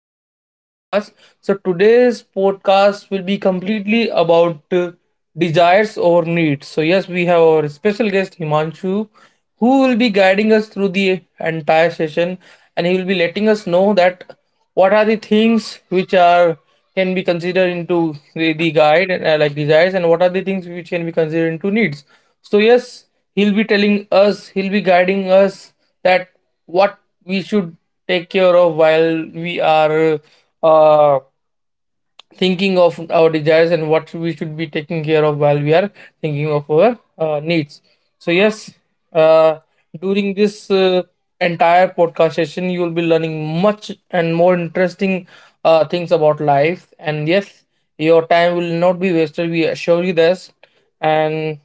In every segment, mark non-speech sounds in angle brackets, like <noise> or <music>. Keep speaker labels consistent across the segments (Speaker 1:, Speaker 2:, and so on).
Speaker 1: Welcome to my podcast. So today's podcast will be completely about desires over needs. So yes, we have our special guest Himanshu who will be guiding us through the entire session, and he will be letting us know that what are the things which are can be considered into the guide like desires, and what are the things which can be considered into needs. So yes, he'll be telling us, he'll be guiding us that what we should take care of while we are uh, thinking of our desires, and what we should be taking care of while we are thinking of our needs. So yes, uh, during this entire podcast session, you will be learning much and more interesting things about life, and yes, your time will not be wasted, we assure you this. and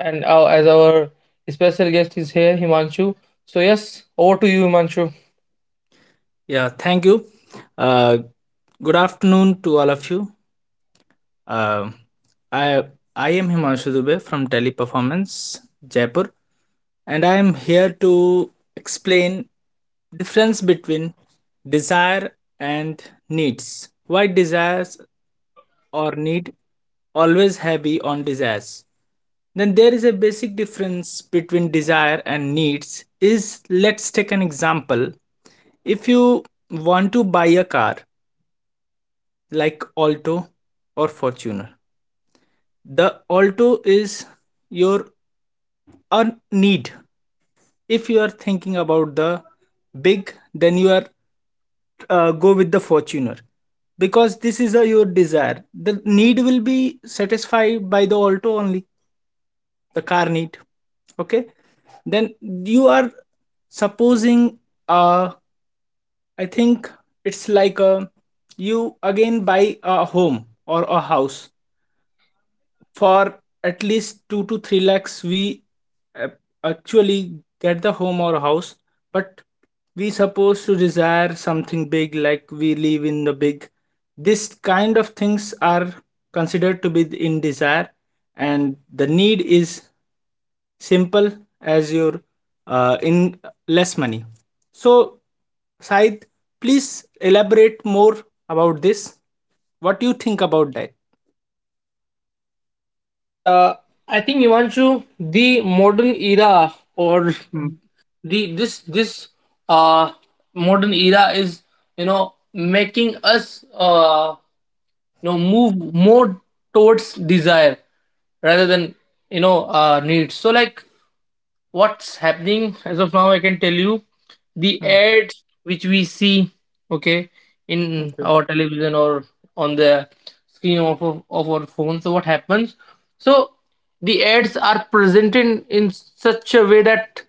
Speaker 1: and our, as our special guest is here, Himanshu, so yes, over to you, Himanshu.
Speaker 2: Yeah, thank you. Uh, Good afternoon to all of you. Um I I am Himanshu Dubey from Teleperformance Jaipur, and I am here to explain difference between desire and needs. Why desires or need always heavy on desires? Then there is a basic difference between desire and needs. Is Let's take an example. If you want to buy a car like Alto or Fortuner. The Alto is your need. If you are thinking about the big, then you are go with the Fortuner because this is your desire. The need will be satisfied by the Alto only, the car need. Okay, then you are supposing. Uh, I think it's like a you again buy a home or a house for at least 2 to 3 lakhs we uh, actually get the home or house, but we supposed to desire something big, like we live in the big. This kind of things are considered to be in desire, and the need is simple as your in less money. So Said, please elaborate more about this. What do you think about that?
Speaker 1: Yeah, I think Ivanshu, the modern era, or
Speaker 2: Mm,
Speaker 1: the this this uh modern era is, you know, making us, move more towards desire rather than, you know, needs. So like, what's happening as of now, I can tell you, the
Speaker 2: mm,
Speaker 1: ads which we see, okay, in
Speaker 2: okay.
Speaker 1: our television or on the screen of, our phone. So what happens, so the ads are presented in such a way that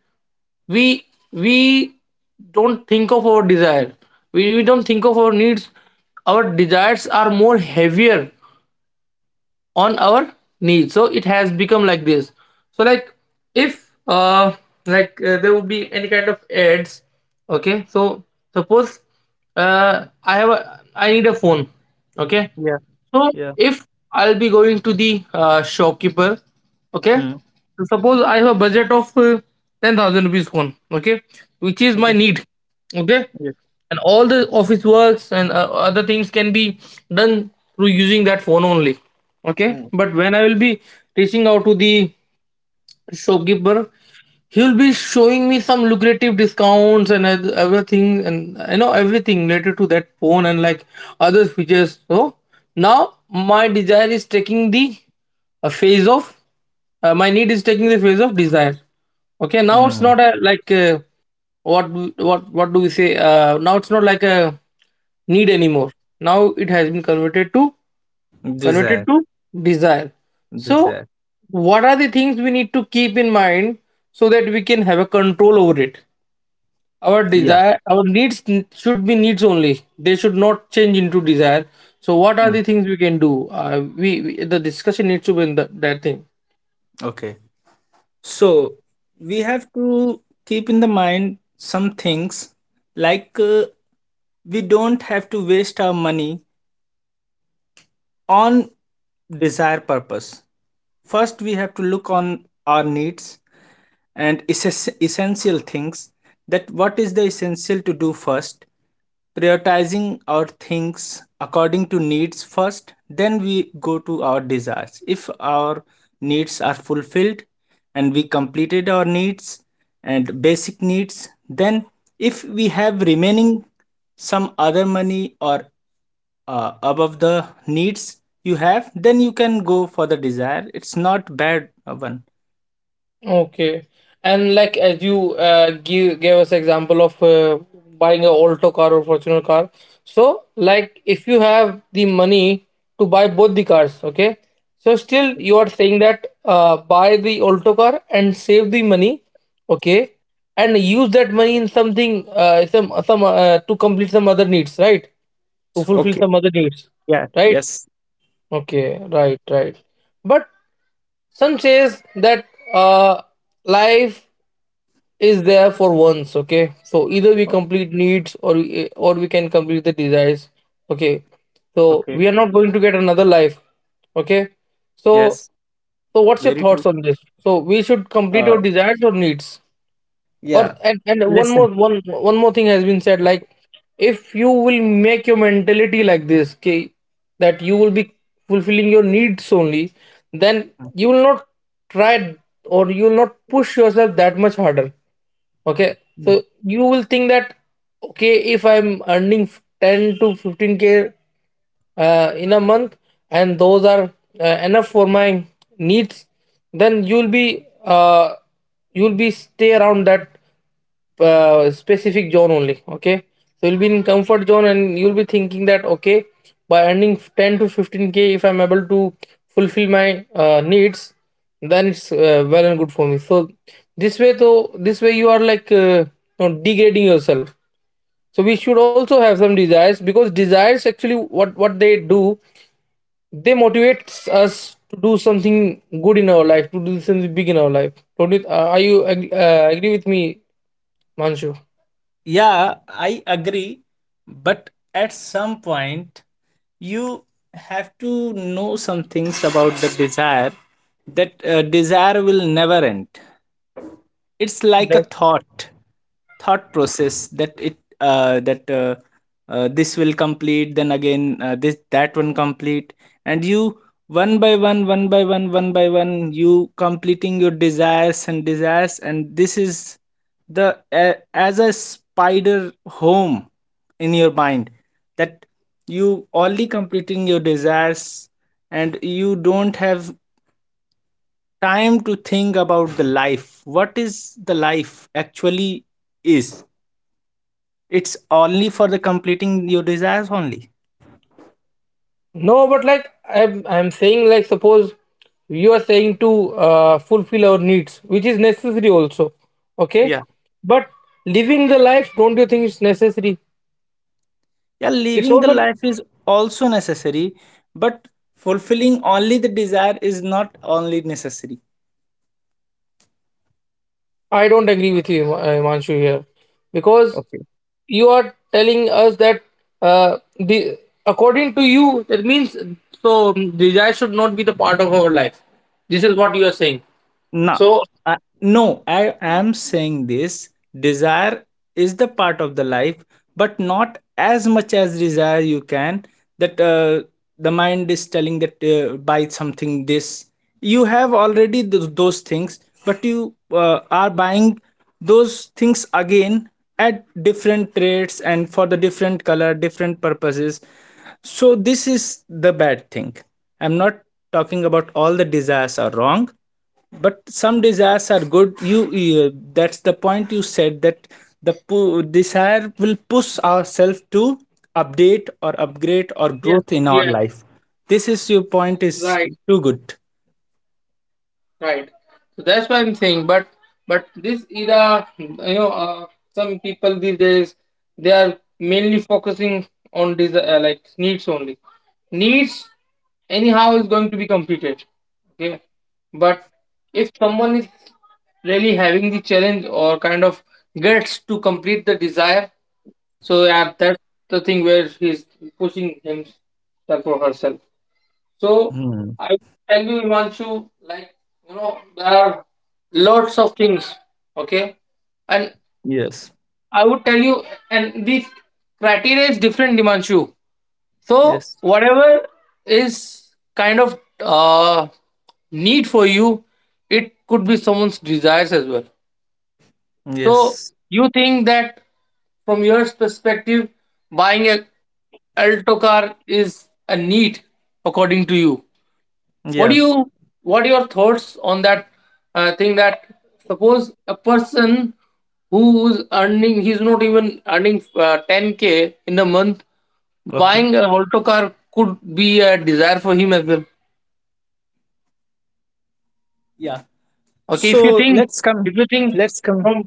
Speaker 1: we we don't think of our desire, we don't think of our needs, our desires are more heavier on our needs, so it has become like this. So like, if there would be any kind of ads, okay, so suppose, I have a I need a phone, okay.
Speaker 2: Yeah.
Speaker 1: So
Speaker 2: Yeah.
Speaker 1: if I'll be going to the shopkeeper, okay. So suppose I have a budget of 10,000 rupees one, okay, which is my
Speaker 2: Okay.
Speaker 1: need, okay,
Speaker 2: Yeah.
Speaker 1: and all the office works and other things can be done through using that phone only, okay.
Speaker 2: Mm.
Speaker 1: But when I will be reaching out to the shopkeeper, he'll be showing me some lucrative discounts and everything, and you know, everything related to that phone and like other features. So now my desire is taking the a phase of my need is taking the phase of desire. Okay, now it's
Speaker 2: Mm.
Speaker 1: not a like a, what do we say, now it's not like a need anymore, now it has been converted
Speaker 2: Desire,
Speaker 1: to desire. So,
Speaker 2: desire.
Speaker 1: what are the things we need to keep in mind so that we can have a control over it? Our
Speaker 2: Yeah.
Speaker 1: desire, our needs should be needs only. They should not change into desire. So, what are
Speaker 2: Mm.
Speaker 1: the things we can do? We The discussion needs to be in that thing.
Speaker 2: Okay. So we have to keep in the mind some things, like we don't have to waste our money on desire purpose. First, we have to look on our needs and essential things, that what is the essential to do first, prioritizing our things according to needs first, then we go to our desires if our needs are fulfilled and we completed our needs and basic needs. Then if we have remaining some other money or above the needs you have, then you can go for the desire. It's not bad, one.
Speaker 1: Okay. And like, as you give gave us example of buying a Alto car or Fortuner car. So like, if you have the money to buy both the cars, okay. So still you are saying that, buy the Alto car and save the money, okay, and use that money in something, some to complete some other needs, right? To
Speaker 2: So,
Speaker 1: fulfill
Speaker 2: okay.
Speaker 1: some other needs,
Speaker 2: Yeah,
Speaker 1: right?
Speaker 2: yes.
Speaker 1: Okay, right, right. But some says that, uh, life is there for once, okay, so either we
Speaker 2: O-
Speaker 1: complete needs, or we can complete the desires, okay, so
Speaker 2: okay,
Speaker 1: we are not going to get another life, okay. So,
Speaker 2: yes,
Speaker 1: so what's your
Speaker 2: very
Speaker 1: thoughts
Speaker 2: true.
Speaker 1: on this? So we should complete
Speaker 2: uh,
Speaker 1: our desires or needs, or
Speaker 2: yeah,
Speaker 1: and, and one more,
Speaker 2: listen.
Speaker 1: one more thing has been said, like, if you will make your mentality like this, okay, that you will be fulfilling your needs only, then you will not try, or you will not push yourself that much harder, okay. So you will think that, okay, if I'm earning 10 to 15k in a month, and those are enough for my needs, then you'll be, stay around that specific zone only, okay. So you'll be in comfort zone and you'll be thinking that, okay, by earning 10 to 15k, if I'm able to fulfill my needs, then it's, well and good for me. So this way, you are like, degrading yourself. So we should also have some desires, because desires actually, what they do, they motivates us to do something good in our life, to do something big in our life, don't it, are you agree with me, Manshu?
Speaker 2: Yeah, I agree. But at some point, you have to know some things about the desire, that desire will never end. It's like a
Speaker 1: That,
Speaker 2: thought process, that it that this will complete. Then again, this that one complete, and you, one by one, one by one, one by one, you completing your desires and desires. And this is the, as a spider home in your mind, that you only completing your desires and you don't have time to think about the life. What is the life actually is? It's only for the completing your desires only.
Speaker 1: no, but like, I'm saying, like, suppose you are saying to fulfill our needs, which is necessary also, okay.
Speaker 2: Yeah.
Speaker 1: But living the life, don't you think it's necessary?
Speaker 2: Yeah,
Speaker 1: It's
Speaker 2: living the
Speaker 1: also.
Speaker 2: life is also necessary. But fulfilling only the desire is not only necessary.
Speaker 1: I don't agree with you, Himanshu, here, because
Speaker 2: Okay.
Speaker 1: you are telling us that, the according to you, that means, so desire should not be the part of our life. This is what you are saying.
Speaker 2: No,
Speaker 1: So
Speaker 2: uh, no, I am saying this. Desire is the part of the life, but not as much as desire you can. That, the mind is telling that, buy something this. You have already those things, but you are buying those things again, at different rates and for the different color, different purposes. So, this is the bad thing. I'm not talking about all the desires are wrong, but some desires are good. You, that's the point you said, that the desire will push ourselves to update or upgrade or
Speaker 1: yes,
Speaker 2: growth in
Speaker 1: yes,
Speaker 2: our life. This is your point, is
Speaker 1: right.
Speaker 2: too good.
Speaker 1: Right. So that's what I'm saying. But this era, you know, some people these days, they are mainly focusing on these like needs only. Needs anyhow is going to be completed. Okay. But if someone is really having the challenge or kind of gets to complete the desire, so yeah, that's the thing where he's pushing himself or herself. So
Speaker 2: Hmm.
Speaker 1: I will tell you, Imanshu, like you know, there are lots of things. Okay, and
Speaker 2: Yes,
Speaker 1: I would tell you, and this criteria is different, Imanshu. So
Speaker 2: yes,
Speaker 1: whatever is kind of need for you, it could be someone's desires as well. So
Speaker 2: yes.
Speaker 1: you think that, from your perspective, buying a Alto car is a need according to you. What do
Speaker 2: Yeah.
Speaker 1: you, what are your thoughts on that thing that, suppose a person who's earning, he's not even earning 10k in a month,
Speaker 2: Okay.
Speaker 1: buying a Alto car could be a desire for him as well,
Speaker 2: Yeah,
Speaker 1: okay.
Speaker 2: so let's come.
Speaker 1: If you think
Speaker 2: Let's come.
Speaker 1: from,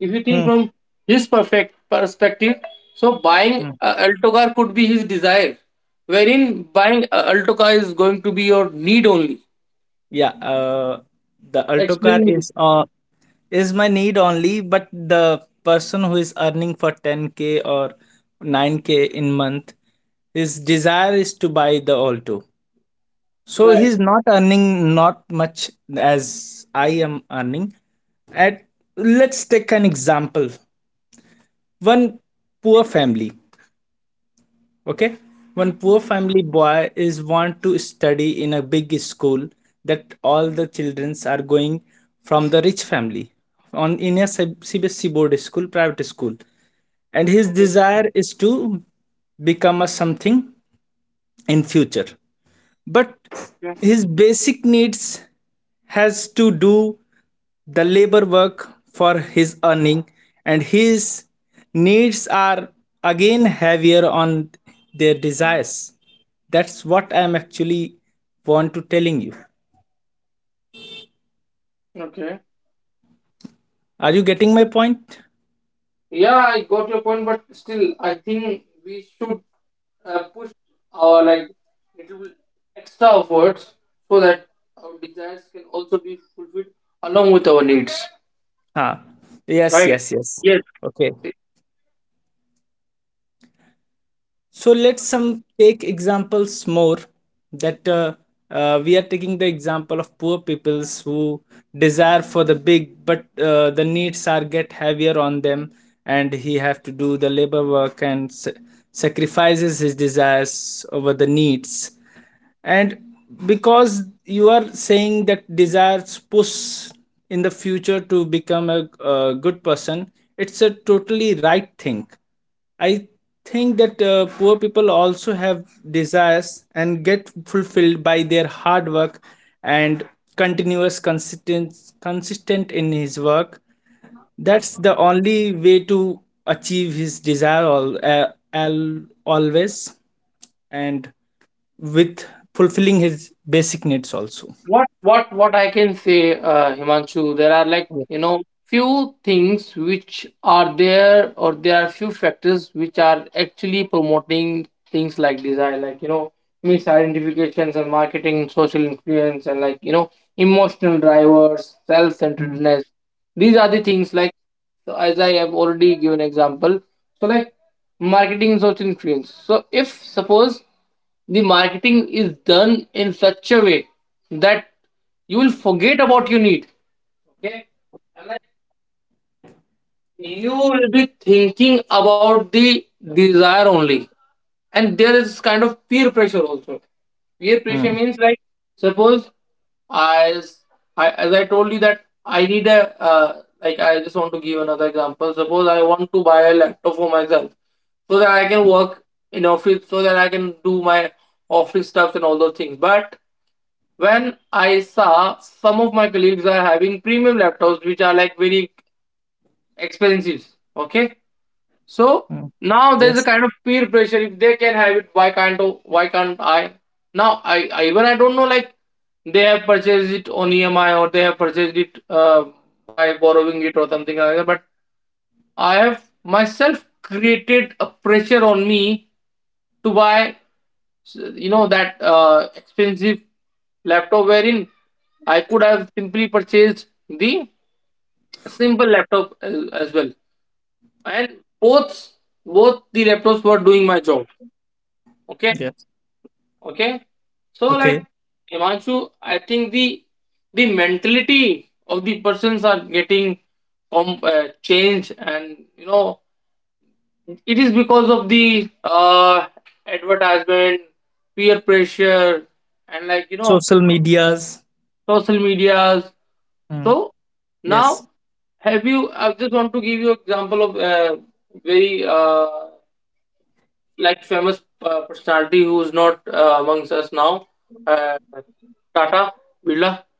Speaker 1: if you think
Speaker 2: Hmm.
Speaker 1: from his perfect perspective, so buying
Speaker 2: Hmm.
Speaker 1: a alto car could be his desire, wherein buying a alto car is going to be your need only.
Speaker 2: Yeah, the Alto car
Speaker 1: Explain me this.
Speaker 2: is my need only, but the person who is earning for 10K or 9K in month, his desire is to buy the Alto. So
Speaker 1: Right.
Speaker 2: he's not earning not much as I am earning. At Let's take an example. One poor family. Okay. One poor family boy is want to study in a big school, that all the children are going from the rich family on in a CBSE board school, private school. And his
Speaker 1: Okay.
Speaker 2: desire is to become a something in future, but his basic needs has to do the labor work for his earning, and his needs are again heavier on their desires. That's what I am actually want to telling you.
Speaker 1: Okay.
Speaker 2: Are you getting my point?
Speaker 1: Yeah, I got your point, but still, I think we should push our, like, little extra efforts, so that our desires can also be fulfilled along with our needs.
Speaker 2: Huh. Yes,
Speaker 1: Right.
Speaker 2: yes, yes.
Speaker 1: Yes.
Speaker 2: Okay, so let's some take examples more, that we are taking the example of poor peoples who desire for the big, but the needs are get heavier on them, and he have to do the labor work and sacrifices his desires over the needs. And because you are saying that desires push in the future to become a good person, it's a totally right thing. I think that, poor people also have desires and get fulfilled by their hard work and continuous consistent in his work. That's the only way to achieve his desire always, and with fulfilling his basic needs also.
Speaker 1: What I can say, Himanshu, there are, like
Speaker 2: Yeah.
Speaker 1: you know, few things which are there, or there are few factors which are actually promoting things like desire, like you know, misidentifications and marketing, social influence, and like you know, emotional drivers,
Speaker 2: Mm,
Speaker 1: self-centeredness. These are the things like, so as I have already given example, so like, marketing and social influence, so if suppose the marketing is done in such a way that you will forget about your need, okay. Am I, you will be thinking about the desire only. And there is kind of peer pressure also. Peer pressure
Speaker 2: mm,
Speaker 1: means, like, suppose, as as I told you that I need a, like, I just want to give another example. Suppose I want to buy a laptop for myself, so that I can work in office, so that I can do my office stuff and all those things. But when I saw some of my colleagues are having premium laptops which are like very expensive, okay, so
Speaker 2: mm.
Speaker 1: now there's
Speaker 2: Yes,
Speaker 1: a kind of peer pressure. If they can have it, why can't I? Now, I don't know, like, they have purchased it on EMI, or they have purchased it, by borrowing it or something like that. But I have myself created a pressure on me to buy, you know, that expensive laptop, wherein I could have simply purchased the simple laptop as well, and both the laptops were doing my job, okay.
Speaker 2: yes.
Speaker 1: Okay, so like,
Speaker 2: Okay.
Speaker 1: Himanshu, I think the mentality of the persons are getting changed, and you know, it is because of the advertisement, peer pressure, and like you know,
Speaker 2: Social medias.
Speaker 1: social medias. So
Speaker 2: Mm,
Speaker 1: now,
Speaker 2: yes,
Speaker 1: have you, I just want to give you example of very like, famous personality who is not amongst us now, uh, Tata Birla.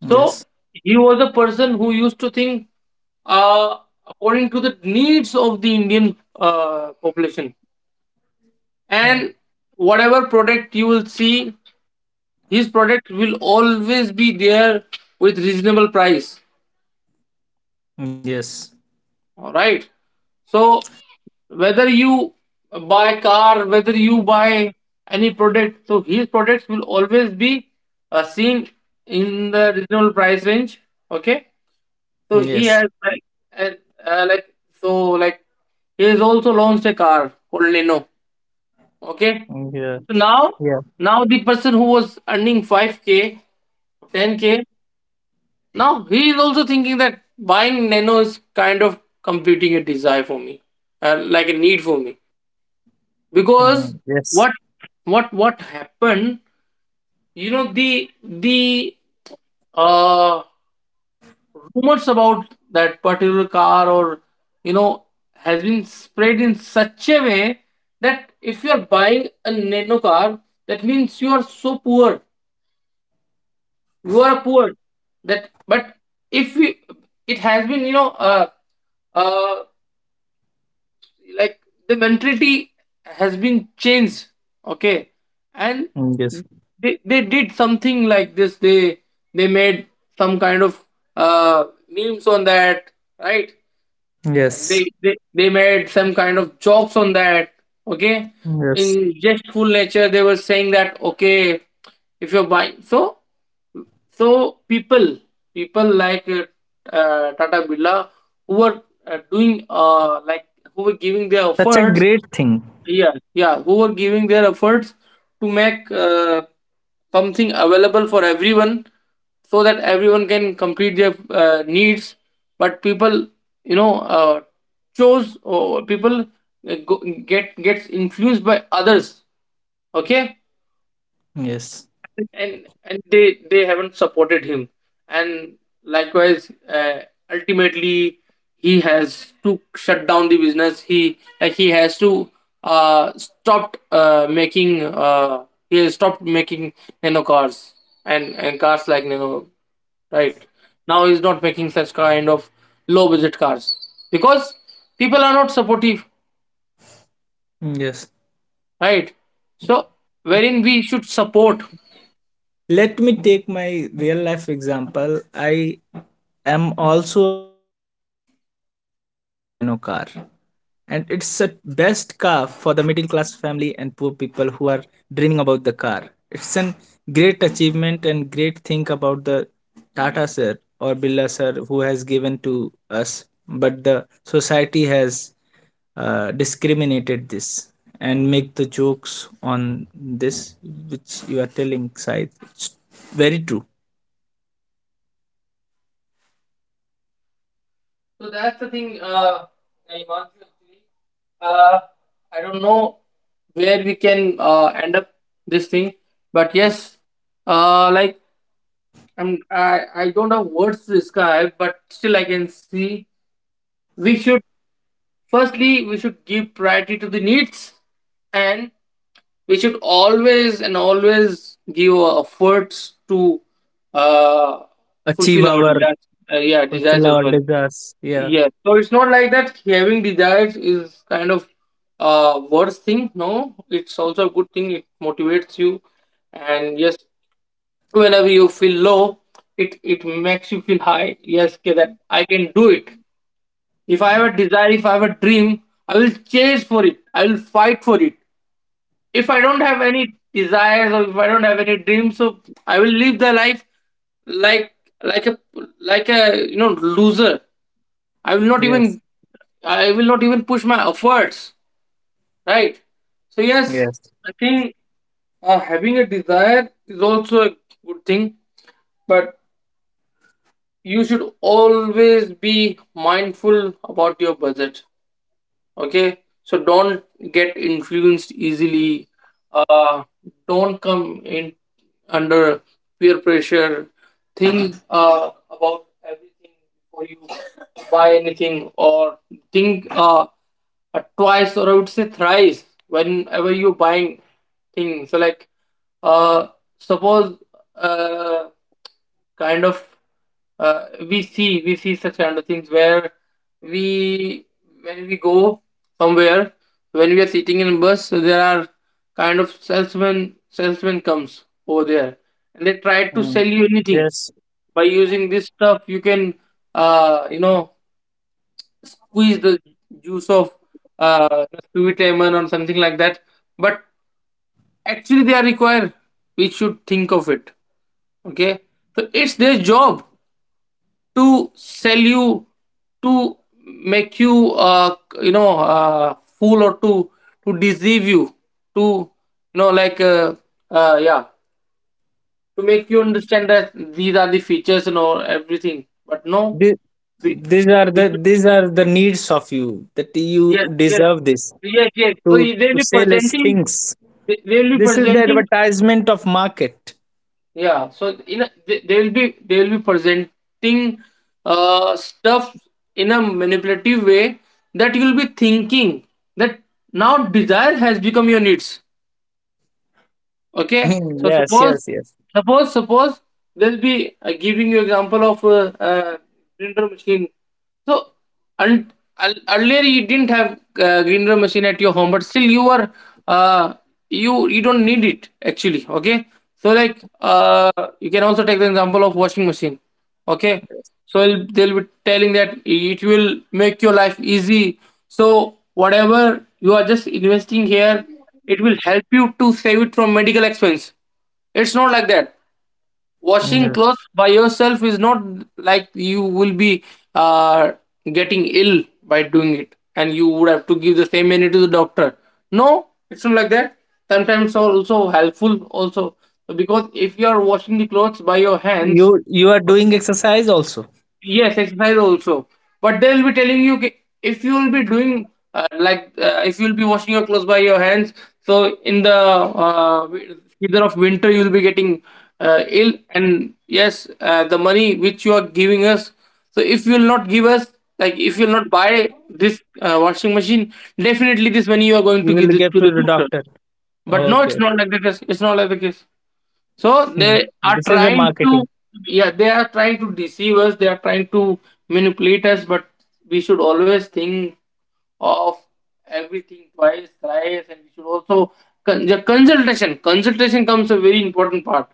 Speaker 1: So he was a person who used to think uh, according to the needs of the Indian population,
Speaker 2: Mm,
Speaker 1: and whatever product you will see, his product will always be there with reasonable price.
Speaker 2: yes,
Speaker 1: All right. So whether you buy car, whether you buy any product, so his products will always be seen in the reasonable price range. Okay, so he
Speaker 2: yes.
Speaker 1: has like and uh, like so like he has also launched a car called leno. Okay,
Speaker 2: Yeah,
Speaker 1: so now
Speaker 2: yeah.
Speaker 1: now the person who was earning 5k 10k, now he is also thinking that buying nano is kind of completing a desire for me, like a need for me. Because
Speaker 2: Mm, yes,
Speaker 1: what what happened, you know, the uh rumors about that particular car, or, you know, has been spread in such a way that if you are buying a nano car, that means you are so poor, you are poor. That but if we, it has been, you know uh like the mentality has been changed. Okay. And
Speaker 2: mm, yes,
Speaker 1: they did something like this. They made some kind of memes on that, right? And they
Speaker 2: yes,
Speaker 1: they, they made some kind of jokes on that. Okay.
Speaker 2: yes.
Speaker 1: In jestful nature they were saying that okay, if you're buying, so so people like tata Birla, who were doing like who were giving their
Speaker 2: Such a
Speaker 1: efforts.
Speaker 2: great thing.
Speaker 1: Yeah, yeah, who were giving their efforts to make something available for everyone, so that everyone can complete their needs. But people, you know, chose, or people uh, go, get gets influenced by others. Okay.
Speaker 2: Yes,
Speaker 1: And they haven't supported him. And likewise, ultimately, he has to shut down the business. He, like, he has to stopped making he has stopped making nano cars, and cars like nano, right? Now he's not making such kind of low budget cars, because people are not supportive,
Speaker 2: yes.
Speaker 1: right? So wherein we should support.
Speaker 2: Let me take my real life example. I am also a owner of a nano car, and it's a best car for the middle class family and poor people who are dreaming about the car. It's an great achievement and great thing about the Tata sir or Billa sir who has given to us, but the society has discriminated this and make the jokes on this, which you are telling Said. It's very true.
Speaker 1: So that's the thing. I want to actually. Uh, I don't know where we can end up this thing, but yes, uh, like I don't have words to describe, but still I can see we should firstly, we should give priority to the needs, and we should always and always give our efforts to uh,
Speaker 2: Achieve
Speaker 1: fulfill our
Speaker 2: our
Speaker 1: desires. Yeah, desires
Speaker 2: fulfill
Speaker 1: as
Speaker 2: our
Speaker 1: well.
Speaker 2: desires. Yeah.
Speaker 1: Yes. So it's not like that having desires is kind of worst thing. No, it's also a good thing. It motivates you, and yes, whenever you feel low, it makes you feel high. Yes, okay, that I can do it. If I have a desire, if I have a dream, I will chase for it. I will fight for it. If I don't have any desires, or if I don't have any dreams, so I will live the life like, like a like a you know, loser. I will not
Speaker 2: Yes.
Speaker 1: even, I will not even push my efforts, right? So yes,
Speaker 2: Yes.
Speaker 1: I think, having a desire is also a good thing, but you should always be mindful about your budget. Okay, so don't get influenced easily. uh don't come in under peer pressure. Think about everything before you buy anything, or think twice, or I would say thrice whenever you're buying things. So like, uh suppose uh kind of, we see such kind of things where we, when we go somewhere, when we are sitting in a bus, so there are kind of salesman comes over there, and they try to
Speaker 2: Mm.
Speaker 1: sell you anything.
Speaker 2: Yes.
Speaker 1: By using this stuff you can, you know, squeeze the juice of, uh, sweet lemon or something like that. But actually they are required, we should think of it. Okay, so it's their job to sell you, to make you, you know, fool, or to deceive you, to, you know uh, yeah to make you understand that these are the features and all everything, but no,
Speaker 2: Thi-
Speaker 1: we,
Speaker 2: These are
Speaker 1: we
Speaker 2: the
Speaker 1: should,
Speaker 2: these are the needs of you, that you
Speaker 1: yes yes,
Speaker 2: deserve this,
Speaker 1: yes yes.
Speaker 2: to
Speaker 1: So they
Speaker 2: to
Speaker 1: will be
Speaker 2: sell his
Speaker 1: presenting,
Speaker 2: things.
Speaker 1: they will be
Speaker 2: This is the
Speaker 1: presenting.
Speaker 2: advertisement of market.
Speaker 1: Yeah, so in a, they will be, they will be presenting stuff in a manipulative way, that you'll be thinking that now desire has become your needs.
Speaker 2: <laughs>
Speaker 1: Okay, so
Speaker 2: Yes,
Speaker 1: suppose
Speaker 2: yes, yes.
Speaker 1: suppose suppose they will be giving you example of grinder machine. So and earlier you didn't have grinder machine at your home, but still you are uh, you don't need it actually. Okay, so like, you can also take the example of washing machine. Okay, so they'll be telling that it will make your life easy, so whatever you are just investing here, it will help you to save it from medical expense. It's not like that washing
Speaker 2: Yes.
Speaker 1: clothes by yourself is not like you will be uh, getting ill by doing it and you would have to give the same money to the doctor. No, it's not like that. Sometimes it's also helpful also, because if you are washing the clothes by your hands.
Speaker 2: You are doing exercise also.
Speaker 1: Yes, exercise also. But they'll be telling you if you'll be doing, if you'll be washing your clothes by your hands. So in the season of winter, you'll be getting ill. And yes, the money which you are giving us, so if you'll not give us, like if you'll not buy this washing machine, definitely this money you are going to
Speaker 2: You
Speaker 1: give
Speaker 2: will
Speaker 1: it
Speaker 2: get
Speaker 1: to the
Speaker 2: to the
Speaker 1: doctor.
Speaker 2: doctor.
Speaker 1: But no,
Speaker 2: Okay.
Speaker 1: it's not like the case. It's not like the case. So
Speaker 2: Hmm.
Speaker 1: they are
Speaker 2: This is a
Speaker 1: trying to,
Speaker 2: marketing,
Speaker 1: yeah, they are trying to deceive us. They are trying to manipulate us. But we should always think of everything twice, thrice, and we should also the consultation. Consultation comes a very important part.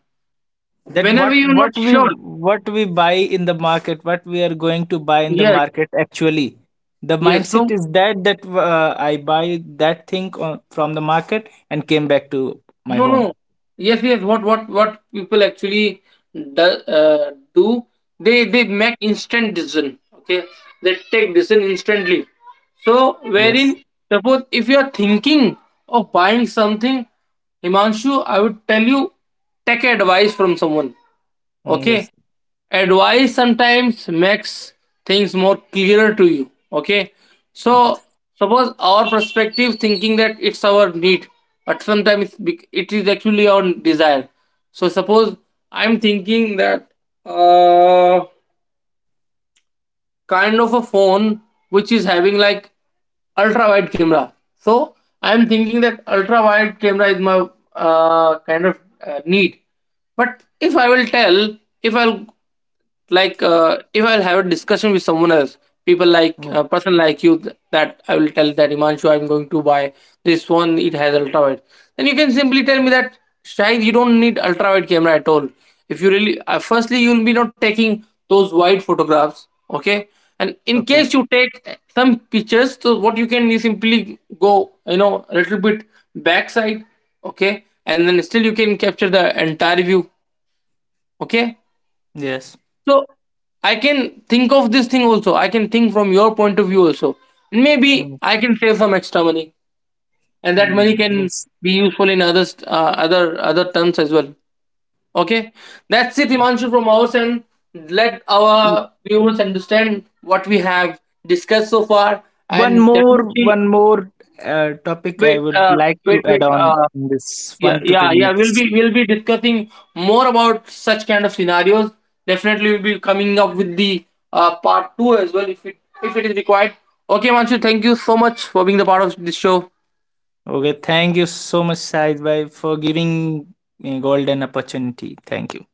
Speaker 2: that
Speaker 1: Whenever
Speaker 2: what
Speaker 1: you're not
Speaker 2: what we
Speaker 1: sure,
Speaker 2: what we buy in the market, what we are going to buy in the
Speaker 1: yes,
Speaker 2: market actually. The
Speaker 1: yes. So
Speaker 2: mindset is that I buy that thing on, from the market and came back to my
Speaker 1: no,
Speaker 2: home.
Speaker 1: no. Yes, yes. What people actually do, they make instant decision. Okay, they take decision instantly. So,
Speaker 2: Yes.
Speaker 1: wherein, suppose if you are thinking of buying something, Himanshu, I would tell you, take advice from someone.
Speaker 2: Mm,
Speaker 1: Okay,
Speaker 2: yes.
Speaker 1: advice sometimes makes things more clearer to you. Okay,
Speaker 2: Yes.
Speaker 1: so suppose our perspective thinking that it's our need, but sometimes it is actually our desire. So suppose I'm thinking that, uh kind of a phone which is having like ultra wide camera. So I am thinking that ultra wide camera is my kind of need. But if I will tell, if I'll, if I'll have a discussion with someone else, people like
Speaker 2: Mm,
Speaker 1: a person like you, that I will tell that Himanshu, I'm going to buy this one. It has ultra wide. Then you can simply tell me that Shahid, you don't need ultra wide camera at all. If you really, firstly, you will be not taking those wide photographs. Okay, and in
Speaker 2: okay.
Speaker 1: case you take some pictures, so what you can, you simply go, you know, a little bit backside. Okay, and then still you can capture the entire view. Okay.
Speaker 2: Yes.
Speaker 1: So I can think of this thing also, I can think from your point of view also, maybe
Speaker 2: Mm,
Speaker 1: I can save some extra money, and that money
Speaker 2: mm.
Speaker 1: can
Speaker 2: Yes.
Speaker 1: be useful in others, other other terms as well. Okay, that's it, Himanshu, from our end. Let
Speaker 2: Mm.
Speaker 1: our viewers understand what we have discussed so far,
Speaker 2: One
Speaker 1: and
Speaker 2: more,
Speaker 1: definitely,
Speaker 2: one more, topic I
Speaker 1: wait,
Speaker 2: would like
Speaker 1: wait,
Speaker 2: to add
Speaker 1: wait.
Speaker 2: on in this
Speaker 1: Yeah,
Speaker 2: one to two
Speaker 1: yeah, yeah, we'll
Speaker 2: minutes.
Speaker 1: be we'll be discussing more about such kind of scenarios. Definitely, we'll be coming up with the part two as well, if it is required. Okay, Himanshu, thank you so much for being the part of this show.
Speaker 2: Okay, thank you so much, Said Bhai, for giving me golden opportunity. Thank you.